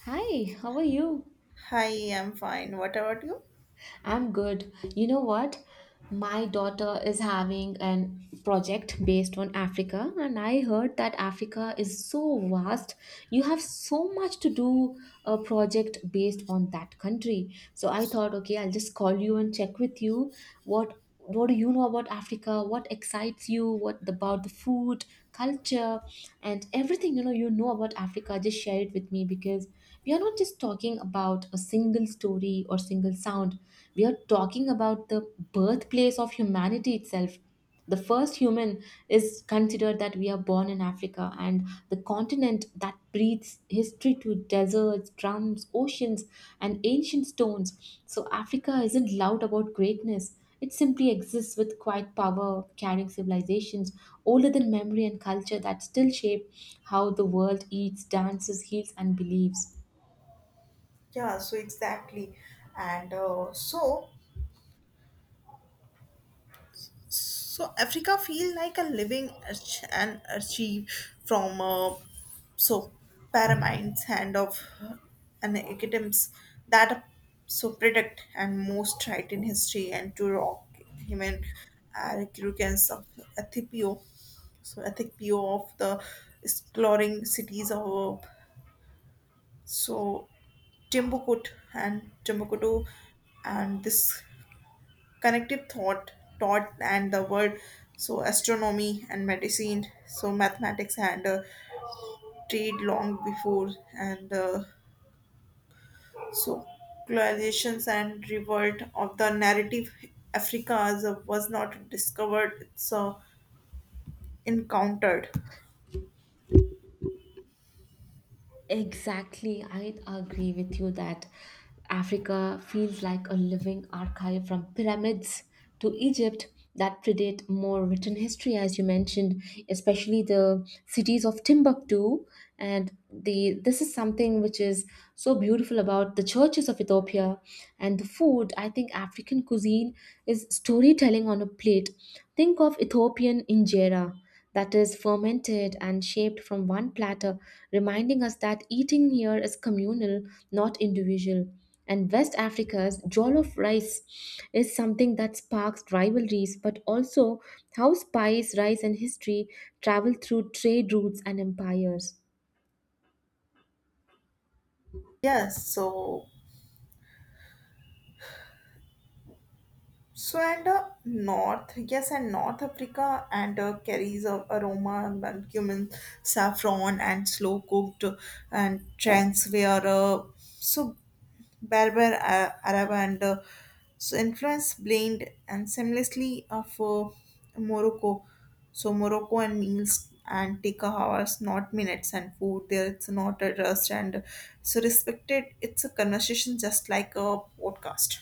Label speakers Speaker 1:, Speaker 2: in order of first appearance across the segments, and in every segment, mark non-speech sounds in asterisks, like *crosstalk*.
Speaker 1: Hi, how are you?
Speaker 2: Hi, I'm fine. What about you?
Speaker 1: I'm good. You know what? My daughter is having an project based on Africa, and I heard that Africa is so vast. You have so much to do a project based on that country. So I thought, okay, I'll just call you and check with you what do you know about Africa? What excites you? What about the food, culture, and everything about Africa? Just share it with me because we are not just talking about a single story or single sound. We are talking about the birthplace of humanity itself. The first human is considered that we are born in Africa and the continent that breathes history to deserts, drums, oceans, and ancient stones. So, Africa isn't loud about greatness. It simply exists with quiet power, carrying civilizations older than memory and culture that still shape how the world eats, dances, heals, and believes.
Speaker 2: Exactly. And so, so Africa feel like a living arch- and archive from so pyramids and items that predict and most right in history and to rock human recurrence of Ethiopia. So Ethiopia of the exploring cities of So Timbuktu and Timbuktu and this connective thought and the word astronomy and medicine so mathematics and trade long before and so colonizations and revolt of the narrative Africa was not discovered it's encountered.
Speaker 1: Exactly. I agree with you that Africa feels like a living archive from pyramids to Egypt that predate more written history, as you mentioned, especially the cities of Timbuktu. And the this is something which is so beautiful about the churches of Ethiopia and the food. I think African cuisine is storytelling on a plate. Think of Ethiopian injera that is fermented and shaped from one platter, reminding us that eating here is communal, not individual. And West Africa's jollof rice is something that sparks rivalries, but also how spice, rice, and history travel through trade routes and empires.
Speaker 2: Yes so So and North, yes, and North Africa and carries of aroma and cumin, saffron and slow cooked and trends where Berber, Arab and influence blend and seamlessly of Morocco. So Morocco and meals and take hours, not minutes, and food there it's not a rest and so respected. It's a conversation just like a podcast.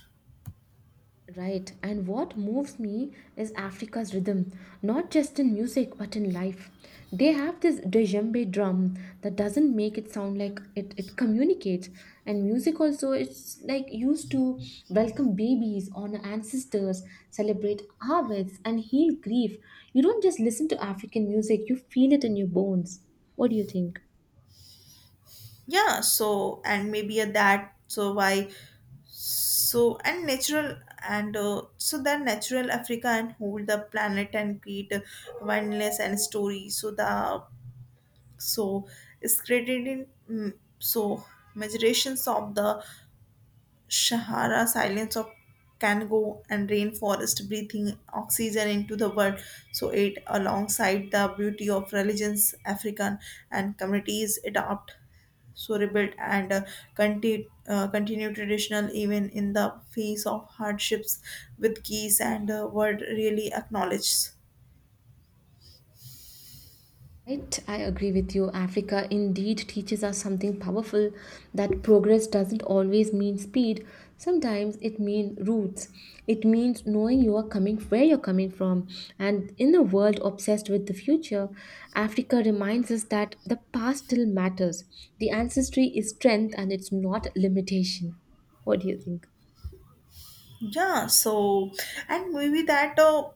Speaker 1: Right, and what moves me is Africa's rhythm, not just in music but in life. They have this djembe drum that doesn't make it sound like it communicates, and music also it's like used to welcome babies, honor ancestors, celebrate harvests, and heal grief. You don't just listen to African music, you feel it in your bones. What do you think?
Speaker 2: And maybe a that so why and natural and that natural africa and hold the planet and create a wildness and story so the so is created in so measurations of the sahara silence of Kango and rainforest breathing oxygen into the world. So it alongside the beauty of religions, African and communities adopt rebuilt and continue traditional even in the face of hardships with geese and were really acknowledged.
Speaker 1: Right, I agree with you. Africa indeed teaches us something powerful that progress doesn't always mean speed. Sometimes it means roots. It means knowing you are coming where you're coming from. And in a world obsessed with the future, Africa reminds us that the past still matters. The ancestry is strength and it's not limitation. What do you think?
Speaker 2: yeah so and maybe that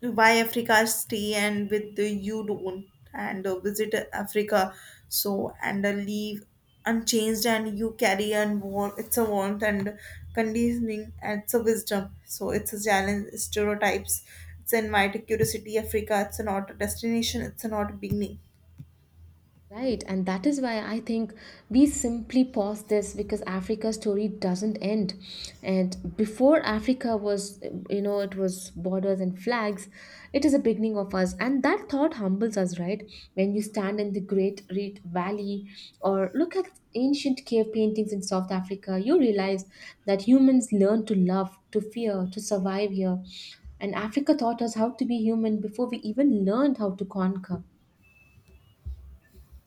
Speaker 2: why Africa stay and with the you don't and visit Africa and leave unchanged and you carry and warm it's a warmth and conditioning and it's a wisdom so it's a challenge stereotypes it's an invite curiosity. Africa it's not a destination it's not a beginning.
Speaker 1: Right, and that is why I think we simply pause this because Africa's story doesn't end. And before Africa was, it was borders and flags, it is a beginning of us. And that thought humbles us, right? When you stand in the Great Rift Valley or look at ancient cave paintings in South Africa, you realize that humans learn to love, to fear, to survive here. And Africa taught us how to be human before we even learned how to conquer.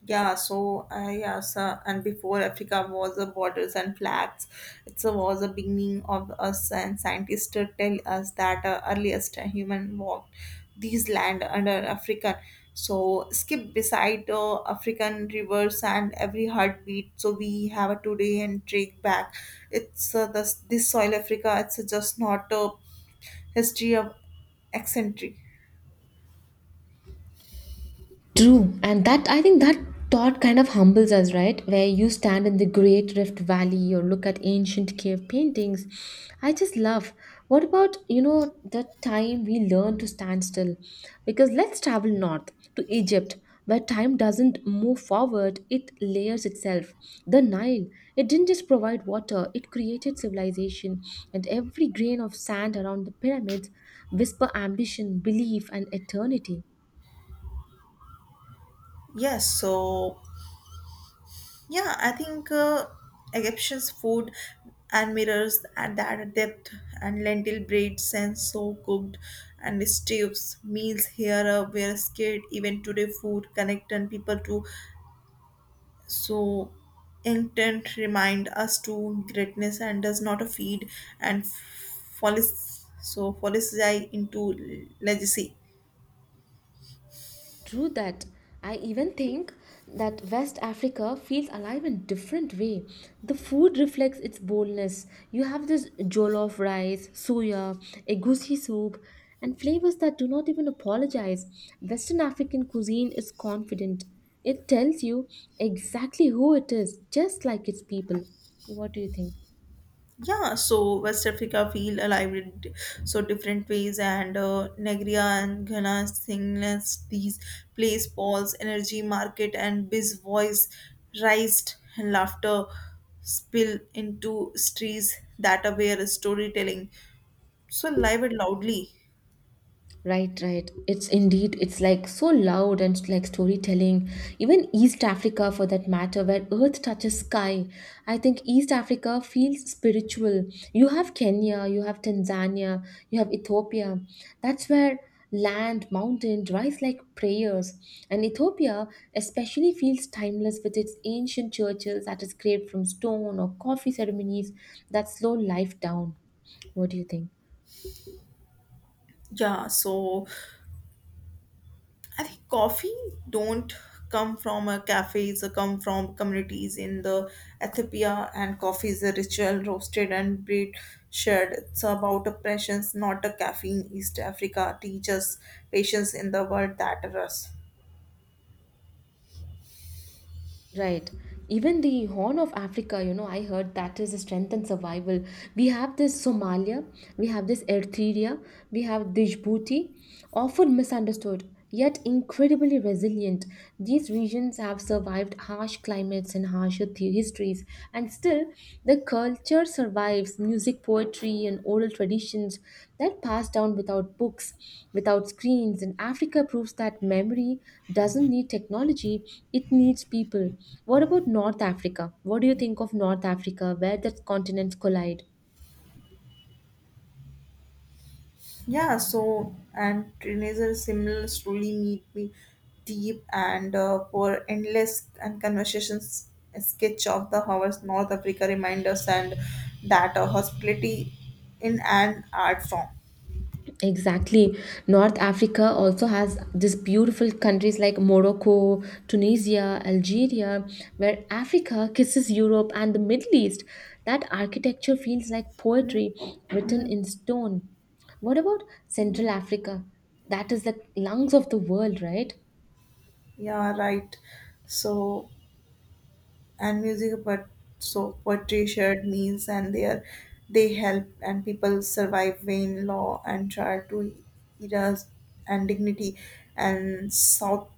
Speaker 2: And before Africa was the borders and flags, it was the beginning of us, and scientists to tell us that earliest human walked these land under African. So skip beside African rivers and every heartbeat. So we have a today and take back. It's This soil Africa. It's just not a history of eccentric.
Speaker 1: True, and that I think that thought kind of humbles us, right? Where you stand in the Great Rift Valley or look at ancient cave paintings. I just love. What about, the time we learn to stand still? Because let's travel north to Egypt, where time doesn't move forward, it layers itself. The Nile, it didn't just provide water, it created civilization. And every grain of sand around the pyramids whisper ambition, belief, and eternity.
Speaker 2: Yes, so Yeah, I think Egyptian's food and mirrors at that depth and lentil braid and so cooked and stews meals here were scared even today food connecting people to so intent remind us to greatness and does not feed and follies into legacy.
Speaker 1: True that. I even think that West Africa feels alive in different way. The food reflects its boldness. You have this jollof rice, soya, egusi soup, and flavors that do not even apologize. Western African cuisine is confident. It tells you exactly who it is, just like its people. What do you think?
Speaker 2: West Africa feel alive in different ways, and Nigeria and Ghana singleness these place Paul's energy market and biz voice raised and laughter spill into streets that are where storytelling live and loudly.
Speaker 1: Right, right. It's indeed, it's like so loud and like storytelling. Even East Africa, for that matter, where earth touches sky. I think East Africa feels spiritual. You have Kenya, you have Tanzania, you have Ethiopia. That's where land, mountain rise like prayers. And Ethiopia especially feels timeless with its ancient churches that is carved from stone or coffee ceremonies that slow life down. What do you think?
Speaker 2: Yeah, so I think coffee don't come from a cafe, it's a come from communities in the Ethiopia and coffee is a ritual roasted and brewed shared. It's about oppressions, not a caffeine. East Africa teaches patience in the world that rusts.
Speaker 1: Right. Even the Horn of Africa, I heard that is a strength and survival. We have this Somalia, we have this Eritrea, we have Djibouti, often misunderstood, yet incredibly resilient. These regions have survived harsh climates and harsher histories, and still, the culture survives music, poetry, and oral traditions that pass down without books, without screens. And Africa proves that memory doesn't need technology, it needs people. What about North Africa? What do you think of North Africa, where the continents collide?
Speaker 2: And Trinazar similar truly meet me deep and for endless and conversations a sketch of the hours. North Africa reminders and that a hospitality in an art form.
Speaker 1: Exactly. North Africa also has these beautiful countries like Morocco, Tunisia, Algeria, where Africa kisses Europe and the Middle East. That architecture feels like poetry written
Speaker 2: Hmm.
Speaker 1: in stone. What about Central Africa? That is the lungs of the world, right?
Speaker 2: Yeah, right. So and music, but poetry, shared means and they are they help and people survive vain law and try to eras and dignity and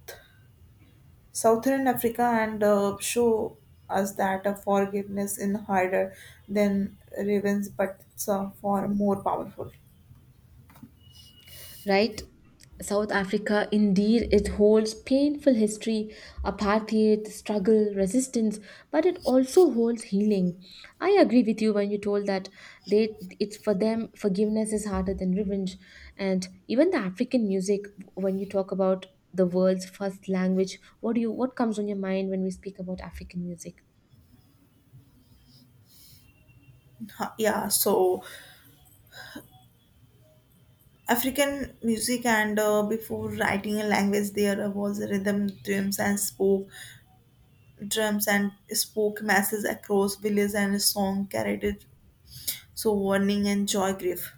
Speaker 2: Southern Africa and show us that a forgiveness is harder than revenge, but it's far more powerful.
Speaker 1: Right? South Africa, indeed, it holds painful history, apartheid, struggle, resistance, but it also holds healing. I agree with you when you told that they it's for them forgiveness is harder than revenge, and even the African music. When you talk about the world's first language, what comes on your mind when we speak about African music?
Speaker 2: Ha- Yeah, so African music and before writing a language, there was rhythm, drums and spoke masses across villages and a song carried it. So warning and joy grief.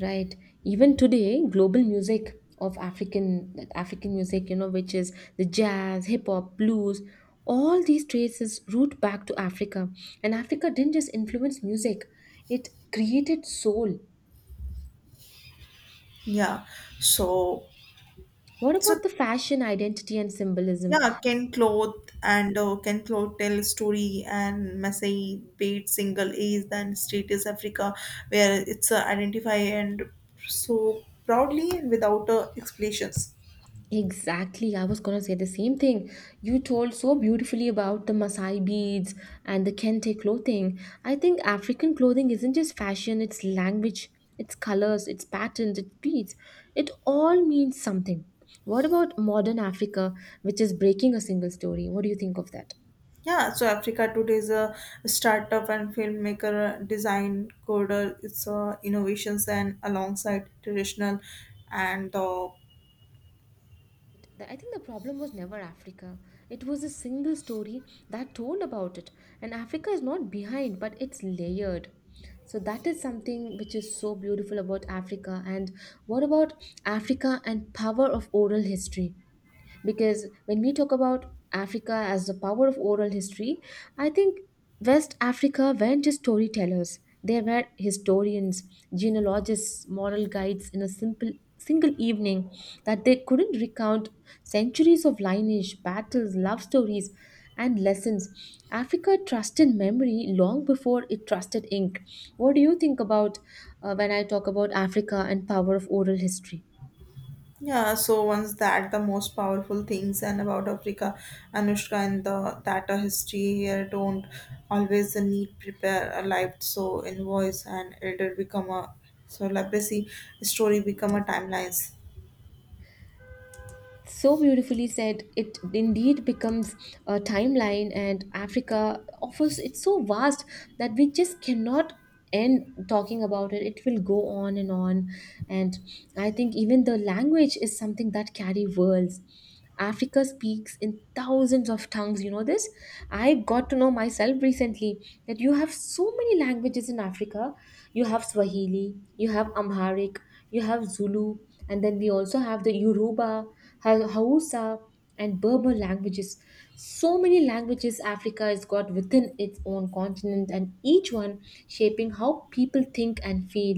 Speaker 1: Right. Even today, global music of African that African music, which is the jazz, hip hop, blues, all these traces root back to Africa. And Africa didn't just influence music, it created soul.
Speaker 2: Yeah, so
Speaker 1: What
Speaker 2: so
Speaker 1: about the fashion identity and symbolism?
Speaker 2: Yeah, can cloth can cloth tell story and Masai bait single is then state is Africa where it's identify and so proudly and without explanations.
Speaker 1: Exactly, I was gonna say the same thing. You told so beautifully about the Maasai beads and the Kente clothing. I think African clothing isn't just fashion, it's language, it's colors, it's patterns, it's beads. It all means something. What about modern Africa, which is breaking a single story? What do you think of that?
Speaker 2: Africa today is a startup and filmmaker, design coder. It's innovations and alongside traditional and
Speaker 1: I think the problem was never Africa. It was a single story that told about it. And Africa is not behind, but it's layered. So that is something which is so beautiful about Africa. And what about Africa and power of oral history? Because when we talk about Africa as the power of oral history, I think West Africa weren't just storytellers. They were historians, genealogists, moral guides in a simple single evening that they couldn't recount centuries of lineage, battles, love stories, and lessons. Africa trusted memory long before it trusted ink. What do you think about when I talk about Africa and power of oral history?
Speaker 2: Once that the most powerful things and about Africa, Anushka and the that a history here don't always need prepare a life so invoice and elder become a legacy story become a timelines.
Speaker 1: So beautifully said. It indeed becomes a timeline, and Africa offers it's so vast that we just cannot end talking about it. Will go on and on. And I think even the language is something that carry worlds. Africa speaks in thousands of tongues, you know this. I got to know myself recently that you have so many languages in Africa. You have Swahili, you have Amharic, you have Zulu, and then we also have the Yoruba, Hausa, and Berber languages. So many languages Africa has got within its own continent, and each one shaping how people think and feel.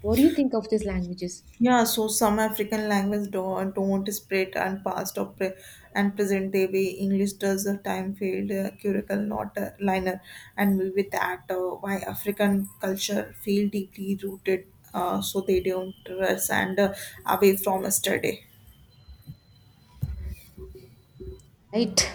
Speaker 1: What do you think of these languages?
Speaker 2: Some African language don't spread and and present day way English does a time field curricle not a liner and with that why African culture feel deeply rooted they don't rest and away from yesterday.
Speaker 1: Right.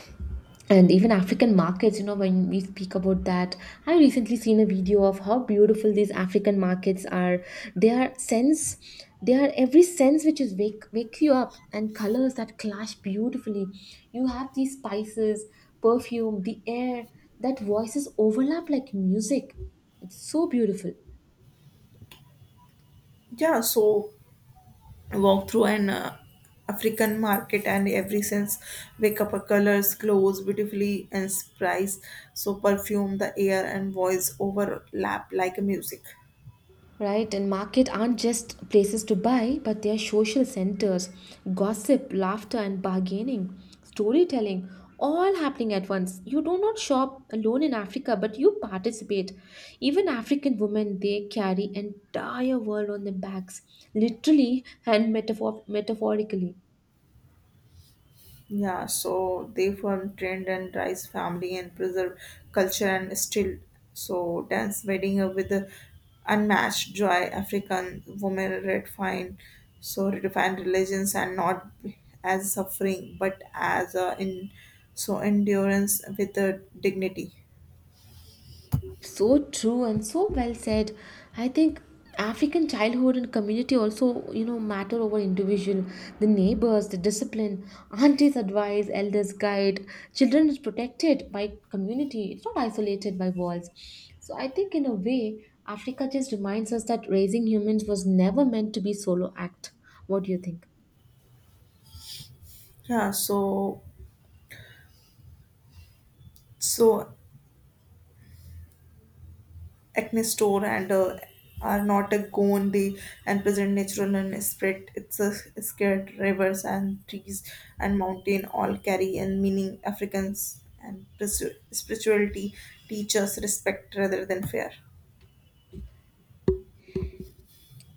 Speaker 1: And even African markets, when we speak about that, I recently seen a video of how beautiful these African markets are. They are sense, they are every sense which is wake you up, and colors that clash beautifully. You have these spices, perfume, the air, that voices overlap like music. It's so beautiful.
Speaker 2: Yeah, so Walk through an African market and every sense wake up her colors, clothes beautifully and spice perfume the air and voice overlap like music.
Speaker 1: Right, and market aren't just places to buy but they are social centers, gossip, laughter, and bargaining, storytelling, all happening at once. You do not shop alone in Africa, but you participate. Even African women, they carry entire world on their backs literally and metaphorically.
Speaker 2: They form trend and rise family and preserve culture and still dance wedding with the unmatched joy. African women redefine redefine religions and not as suffering but as a in endurance with the dignity.
Speaker 1: So true and so well said. I think African childhood and community also, matter over individual. The neighbors, the discipline, aunties advise, elders guide. Children is protected by community. It's not isolated by walls. So I think in a way, Africa just reminds us that raising humans was never meant to be solo act. What do you think?
Speaker 2: Yeah, so so Acne store and are not a gone they and present natural and spread it's a scared rivers and trees and mountain all carry and meaning africans and spirituality teach us respect rather than fear.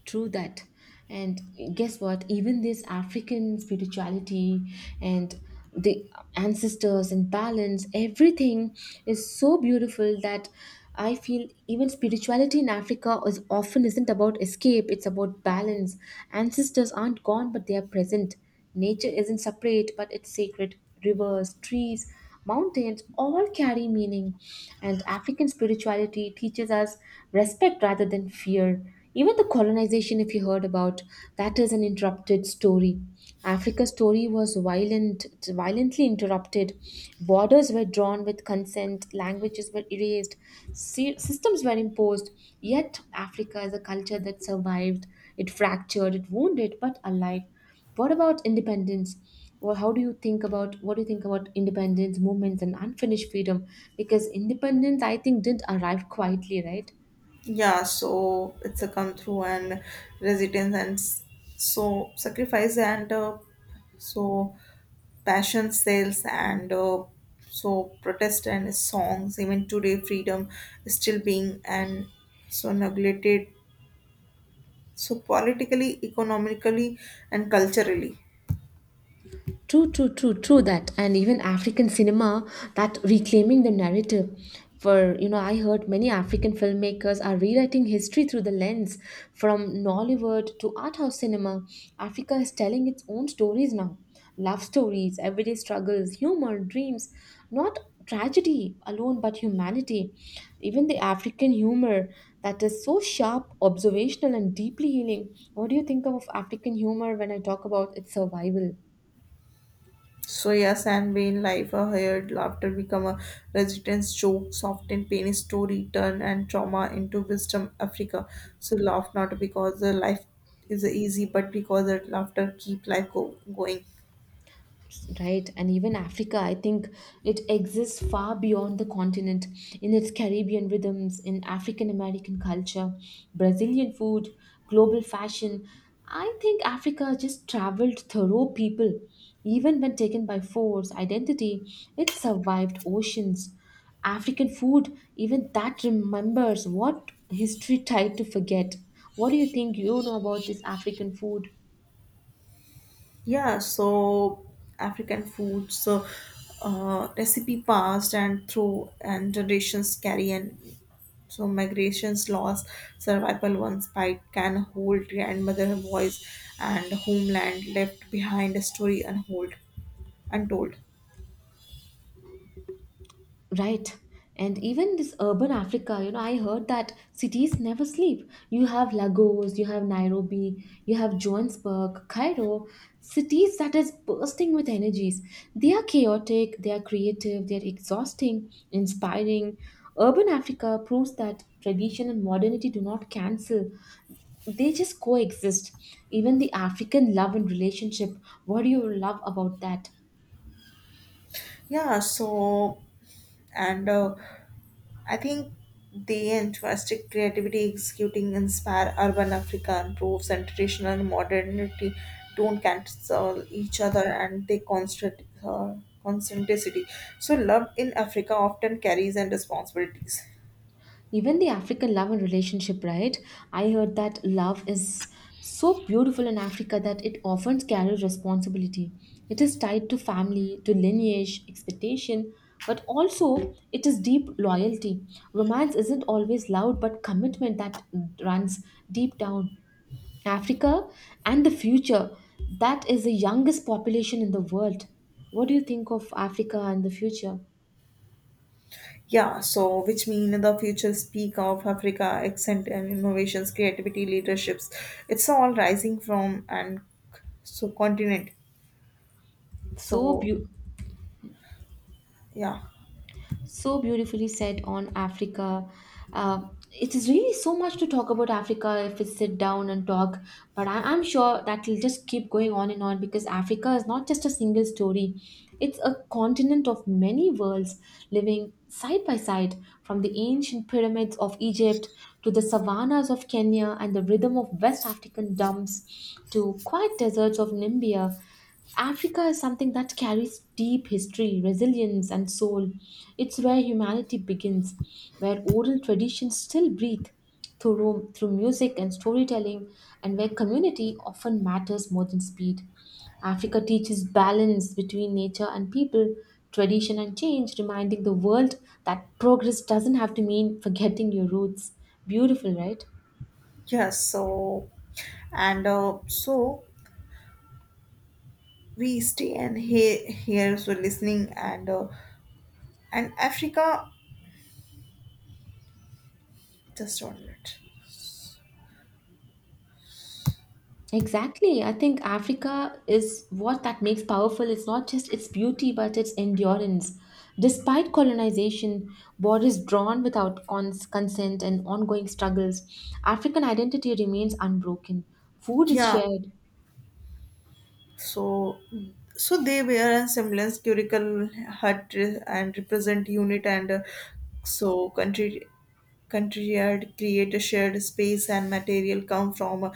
Speaker 1: True that. And guess what? Even this African spirituality and the ancestors and balance, everything is so beautiful that I feel even spirituality in Africa is often isn't about escape, it's about balance. Ancestors aren't gone, but they are present. Nature isn't separate, but it's sacred. Rivers, trees, mountains all carry meaning. And African spirituality teaches us respect rather than fear. Even the colonization, if you heard about, that is an interrupted story. Africa's story was violent, violently interrupted. Borders were drawn with consent, languages were erased, systems were imposed. Yet, Africa is a culture that survived. It fractured, it wounded, but alive. What about independence? Or how do you think about what do you think about independence movements and unfinished freedom? Because independence, I think, didn't arrive quietly, right?
Speaker 2: It's a come through and residence and sacrifice and so passion sales and protest and songs. Even today freedom is still being and so neglected politically economically and culturally.
Speaker 1: True, true, true, true that. And even African cinema, that reclaiming the narrative. For, I heard many African filmmakers are rewriting history through the lens from Nollywood to art house cinema. Africa is telling its own stories now. Love stories, everyday struggles, humor, dreams, not tragedy alone, but humanity. Even the African humor that is so sharp, observational, and deeply healing. What do you think of African humor when I talk about its survival?
Speaker 2: And vain life are heard laughter become a residence joke often pain is to return and trauma into wisdom. Africa laugh not because the life is easy but because the laughter keep life going.
Speaker 1: Right, and even Africa, I think it exists far beyond the continent, in its Caribbean rhythms, in African American culture, Brazilian food, global fashion. I think Africa just traveled thorough people. Even when taken by force, identity, it survived oceans. African food even that remembers what history tried to forget. What do you think you know about this African food?
Speaker 2: Yeah, so African food, recipe passed and through and generations carry and migrations loss survival. One bite can hold grandmother voice and homeland left behind, a story unhold untold.
Speaker 1: Right. And even this urban Africa, you know, I heard that cities never sleep. You have Lagos, you have Nairobi, you have Johannesburg, Cairo, cities that is bursting with energies. They are chaotic, they are creative, they are exhausting, inspiring. Urban Africa proves that tradition and modernity do not cancel, they just coexist. Even the African love and relationship, what do you love about that?
Speaker 2: Yeah, so and I think they entrusted creativity executing inspire. Urban Africa improves and traditional and modernity don't cancel each other and they constant constanticity. So love in Africa often carries and responsibilities.
Speaker 1: Even the African love and relationship, right? I heard that love is so beautiful in Africa that it often carries responsibility. It is tied to family, to lineage, expectation, but also it is deep loyalty. Romance isn't always loud, but commitment that runs deep down. Africa and the future, that is the youngest population in the world. What do you think of Africa and the future?
Speaker 2: Which mean the future speak of Africa, accent and innovations, creativity, leaderships. It's all rising from and so continent.
Speaker 1: So
Speaker 2: So
Speaker 1: beautiful.
Speaker 2: yeah,
Speaker 1: So beautifully said on Africa. Uh, it is really so much to talk about Africa if we sit down and talk, but I'm sure that will just keep going on and on because Africa is not just a single story. It's a continent of many worlds living side by side, from the ancient pyramids of Egypt to the savannas of Kenya and the rhythm of West African dumps to quiet deserts of Namibia. Africa is something that carries deep history, resilience, and soul. It's where humanity begins, where oral traditions still breathe through music and storytelling, and where community often matters more than speed. Africa teaches balance between nature and people, tradition and change, reminding the world that progress doesn't have to mean forgetting your roots. Beautiful, right?
Speaker 2: yes. So and so We stay and he here so listening and Africa just on it.
Speaker 1: Exactly. I think Africa is what that makes powerful. It's not just its beauty, but its endurance. Despite colonization, borders drawn without consent, and ongoing struggles, African identity remains unbroken. Food is
Speaker 2: Yeah,
Speaker 1: shared.
Speaker 2: so they wear a semblance curical hut and represent unit and so country country yard create a shared space and material come from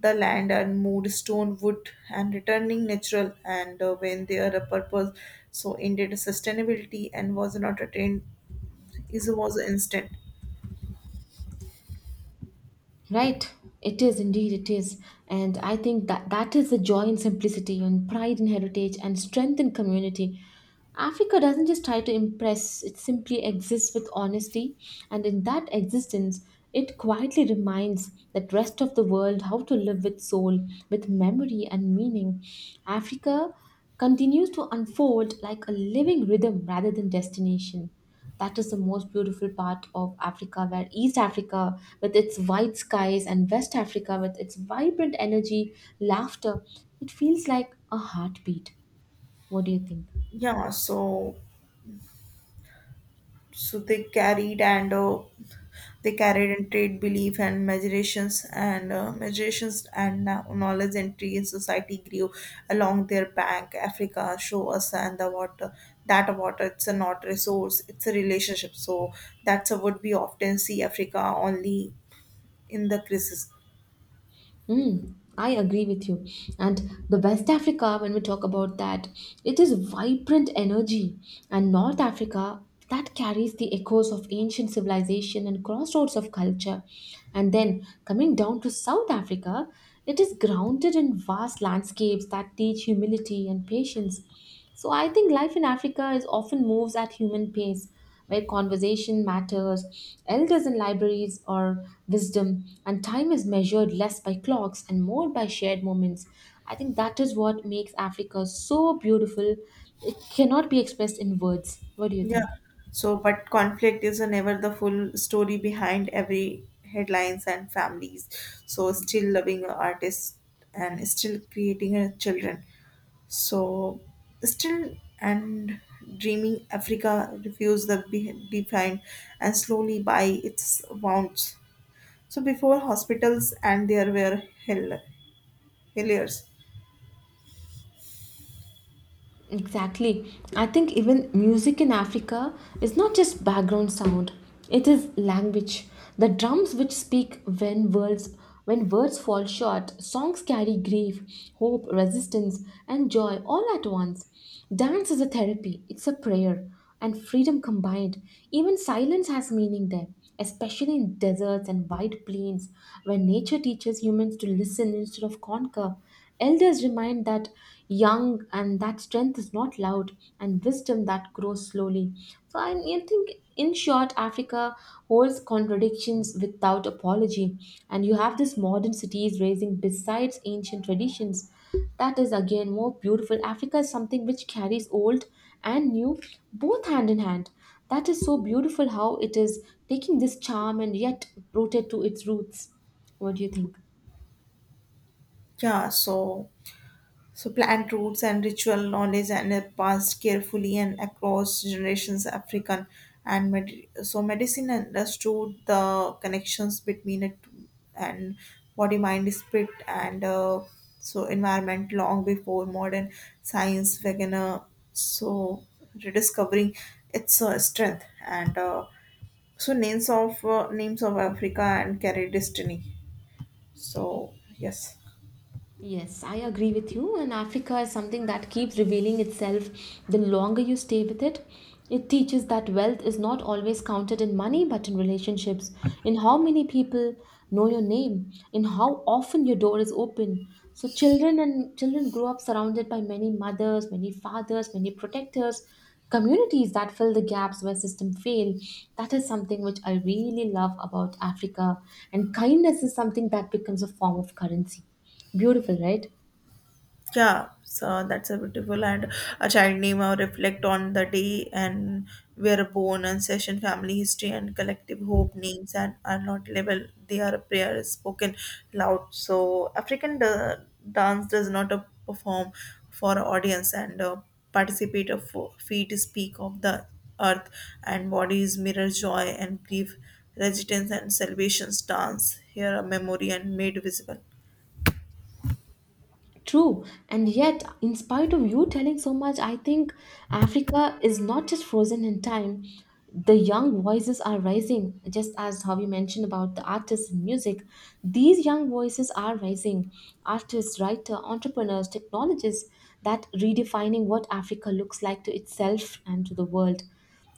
Speaker 2: the land and mood stone wood and returning natural and when they are a purpose so indeed sustainability and was not attained is was instant.
Speaker 1: Right, it is indeed, it is. And I think that that is the joy in simplicity and pride in heritage and strength in community. Africa doesn't just try to impress, it simply exists with honesty. And in that existence, it quietly reminds that rest of the world how to live with soul, with memory and meaning. Africa continues to unfold like a living rhythm rather than destination. That is the most beautiful part of Africa, where East Africa, with its white skies, and West Africa, with its vibrant energy, laughter, it feels like a heartbeat. What do you think?
Speaker 2: yeah so they carried and they carried and trade belief and measurations and measurations and now knowledge entry in society grew along their bank. Africa show us and the water that water it's a not resource it's a relationship, so that's a would be often see africa only in the crisis.
Speaker 1: Mm, I agree with you. And the West Africa, when we talk about that, it is vibrant energy. And North Africa, that carries the echoes of ancient civilization and crossroads of culture. And then coming down to South Africa, it is grounded in vast landscapes that teach humility and patience. So I think life in Africa is often moves at human pace where conversation matters, elders in libraries are wisdom, and time is measured less by clocks and more by shared moments. I think that is what makes Africa so beautiful. It cannot be expressed in words. What do you
Speaker 2: Yeah.
Speaker 1: think?
Speaker 2: So, but conflict is never the full story behind every headlines and families. So, still loving a artist and still creating her children. So, still and dreaming Africa refuse the defined and slowly by its wounds. So, before hospitals and there were helliers.
Speaker 1: Exactly. I think even music in Africa is not just background sound, it is language. The drums which speak when words fall short, songs carry grief, hope, resistance, and joy all at once. Dance is a therapy, it's a prayer, and freedom combined. Even silence has meaning there, especially in deserts and wide plains where nature teaches humans to listen instead of conquer. Elders remind that young and that strength is not loud and wisdom that grows slowly. So I think, in short, Africa holds contradictions without apology, and you have this modern cities raising besides ancient traditions. That is again more beautiful. Africa is something which carries old and new both hand in hand. That is so beautiful how it is taking this charm and yet rooted to its roots. What do you think?
Speaker 2: Yeah. So, so plant roots and ritual knowledge and are passed carefully and across generations. African and med- so medicine understood the connections between it and body mind spirit and environment long before modern science began so rediscovering its strength and names of Africa and carry destiny. so yes
Speaker 1: Yes, I agree with you. And Africa is something that keeps revealing itself the longer you stay with it. It teaches that wealth is not always counted in money, but in relationships, in how many people know your name, in how often your door is open. So children grow up surrounded by many mothers, many fathers, many protectors, communities that fill the gaps where systems fail. That is something which I really love about Africa. And kindness is something that becomes a form of currency. Beautiful, right?
Speaker 2: That's a beautiful and a child name or reflect on the day and where born and session family history and collective hope. Names and are not level, they are prayers spoken loud. So African dance does not perform for audience and participate of feet speak of the earth and bodies mirror joy and grief, resistance and salvation's dance here a memory and made visible.
Speaker 1: True. And yet, in spite of you telling so much, I think Africa is not just frozen in time. The young voices are rising, just as how you mentioned about the artists and music. These young voices are rising. Artists, writer, entrepreneurs, technologists that redefining what Africa looks like to itself and to the world,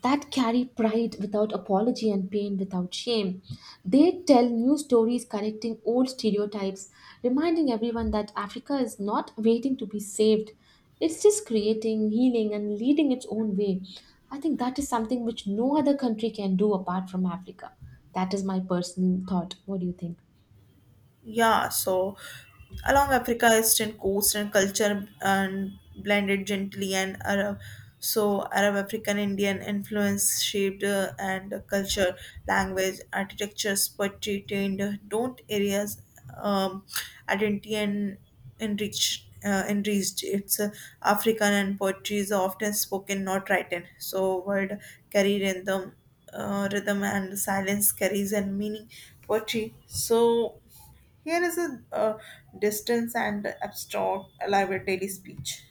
Speaker 1: that carry pride without apology and pain without shame. They tell new stories connecting old stereotypes, reminding everyone that Africa is not waiting to be saved. It's just creating, healing, and leading its own way. I think that is something which no other country can do apart from Africa. That is my personal thought. What do you think?
Speaker 2: Yeah, so Along Africa, eastern coast and culture and blended gently and Arab. So Arab African Indian influence shaped and culture, language, architectures, poetry trained don't areas, um, identity and enriched. Enriched it's african and poetry is often spoken not written so word carry rhythm, rhythm and silence carries and meaning. Poetry here is a distance and abstract elaborate daily speech.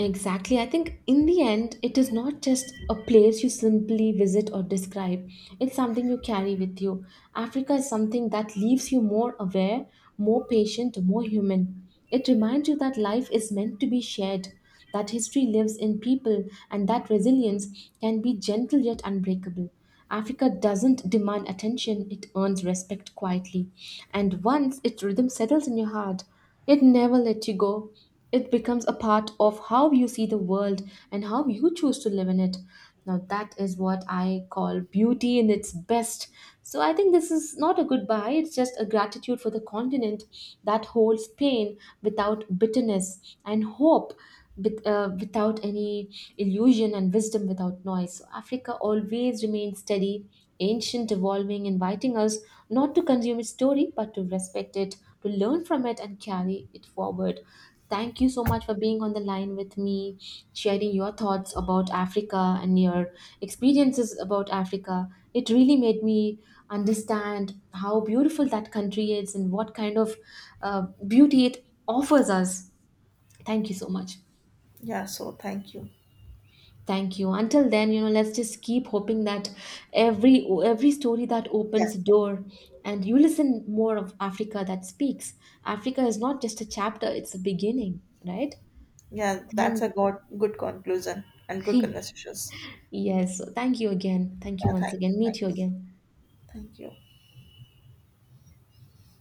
Speaker 1: Exactly. I think in the end, it is not just a place you simply visit or describe, it's something you carry with you. Africa is something that leaves you more aware, more patient, more human. It reminds you that life is meant to be shared, that history lives in people, and that resilience can be gentle yet unbreakable. Africa doesn't demand attention, it earns respect quietly. And once its rhythm settles in your heart, it never lets you go. It becomes a part of how you see the world and how you choose to live in it. Now, that is what I call beauty in its best. So, I think this is not a goodbye, it's just a gratitude for the continent that holds pain without bitterness and hope without any illusion and wisdom without noise. So Africa always remains steady, ancient, evolving, inviting us not to consume its story but to respect it, to learn from it, and carry it forward. Thank you so much for being on the line with me, sharing your thoughts about Africa and your experiences about Africa. It really made me understand how beautiful that country is and what kind of beauty it offers us. Thank you so much.
Speaker 2: Thank you.
Speaker 1: Thank you. Until then, you know, let's just keep hoping that every story that opens
Speaker 2: Yes,
Speaker 1: a
Speaker 2: yes.
Speaker 1: door and you listen more of Africa that speaks. Africa is not just a chapter, it's a beginning, right?
Speaker 2: Yeah, that's a
Speaker 1: Thank
Speaker 2: good, good conclusion and good conversations.
Speaker 1: *laughs* yes. So thank you again. Thank you
Speaker 2: Yeah,
Speaker 1: once
Speaker 2: thank you.
Speaker 1: again. Meet
Speaker 2: Thank
Speaker 1: you
Speaker 2: you.
Speaker 1: again.
Speaker 2: Thank you.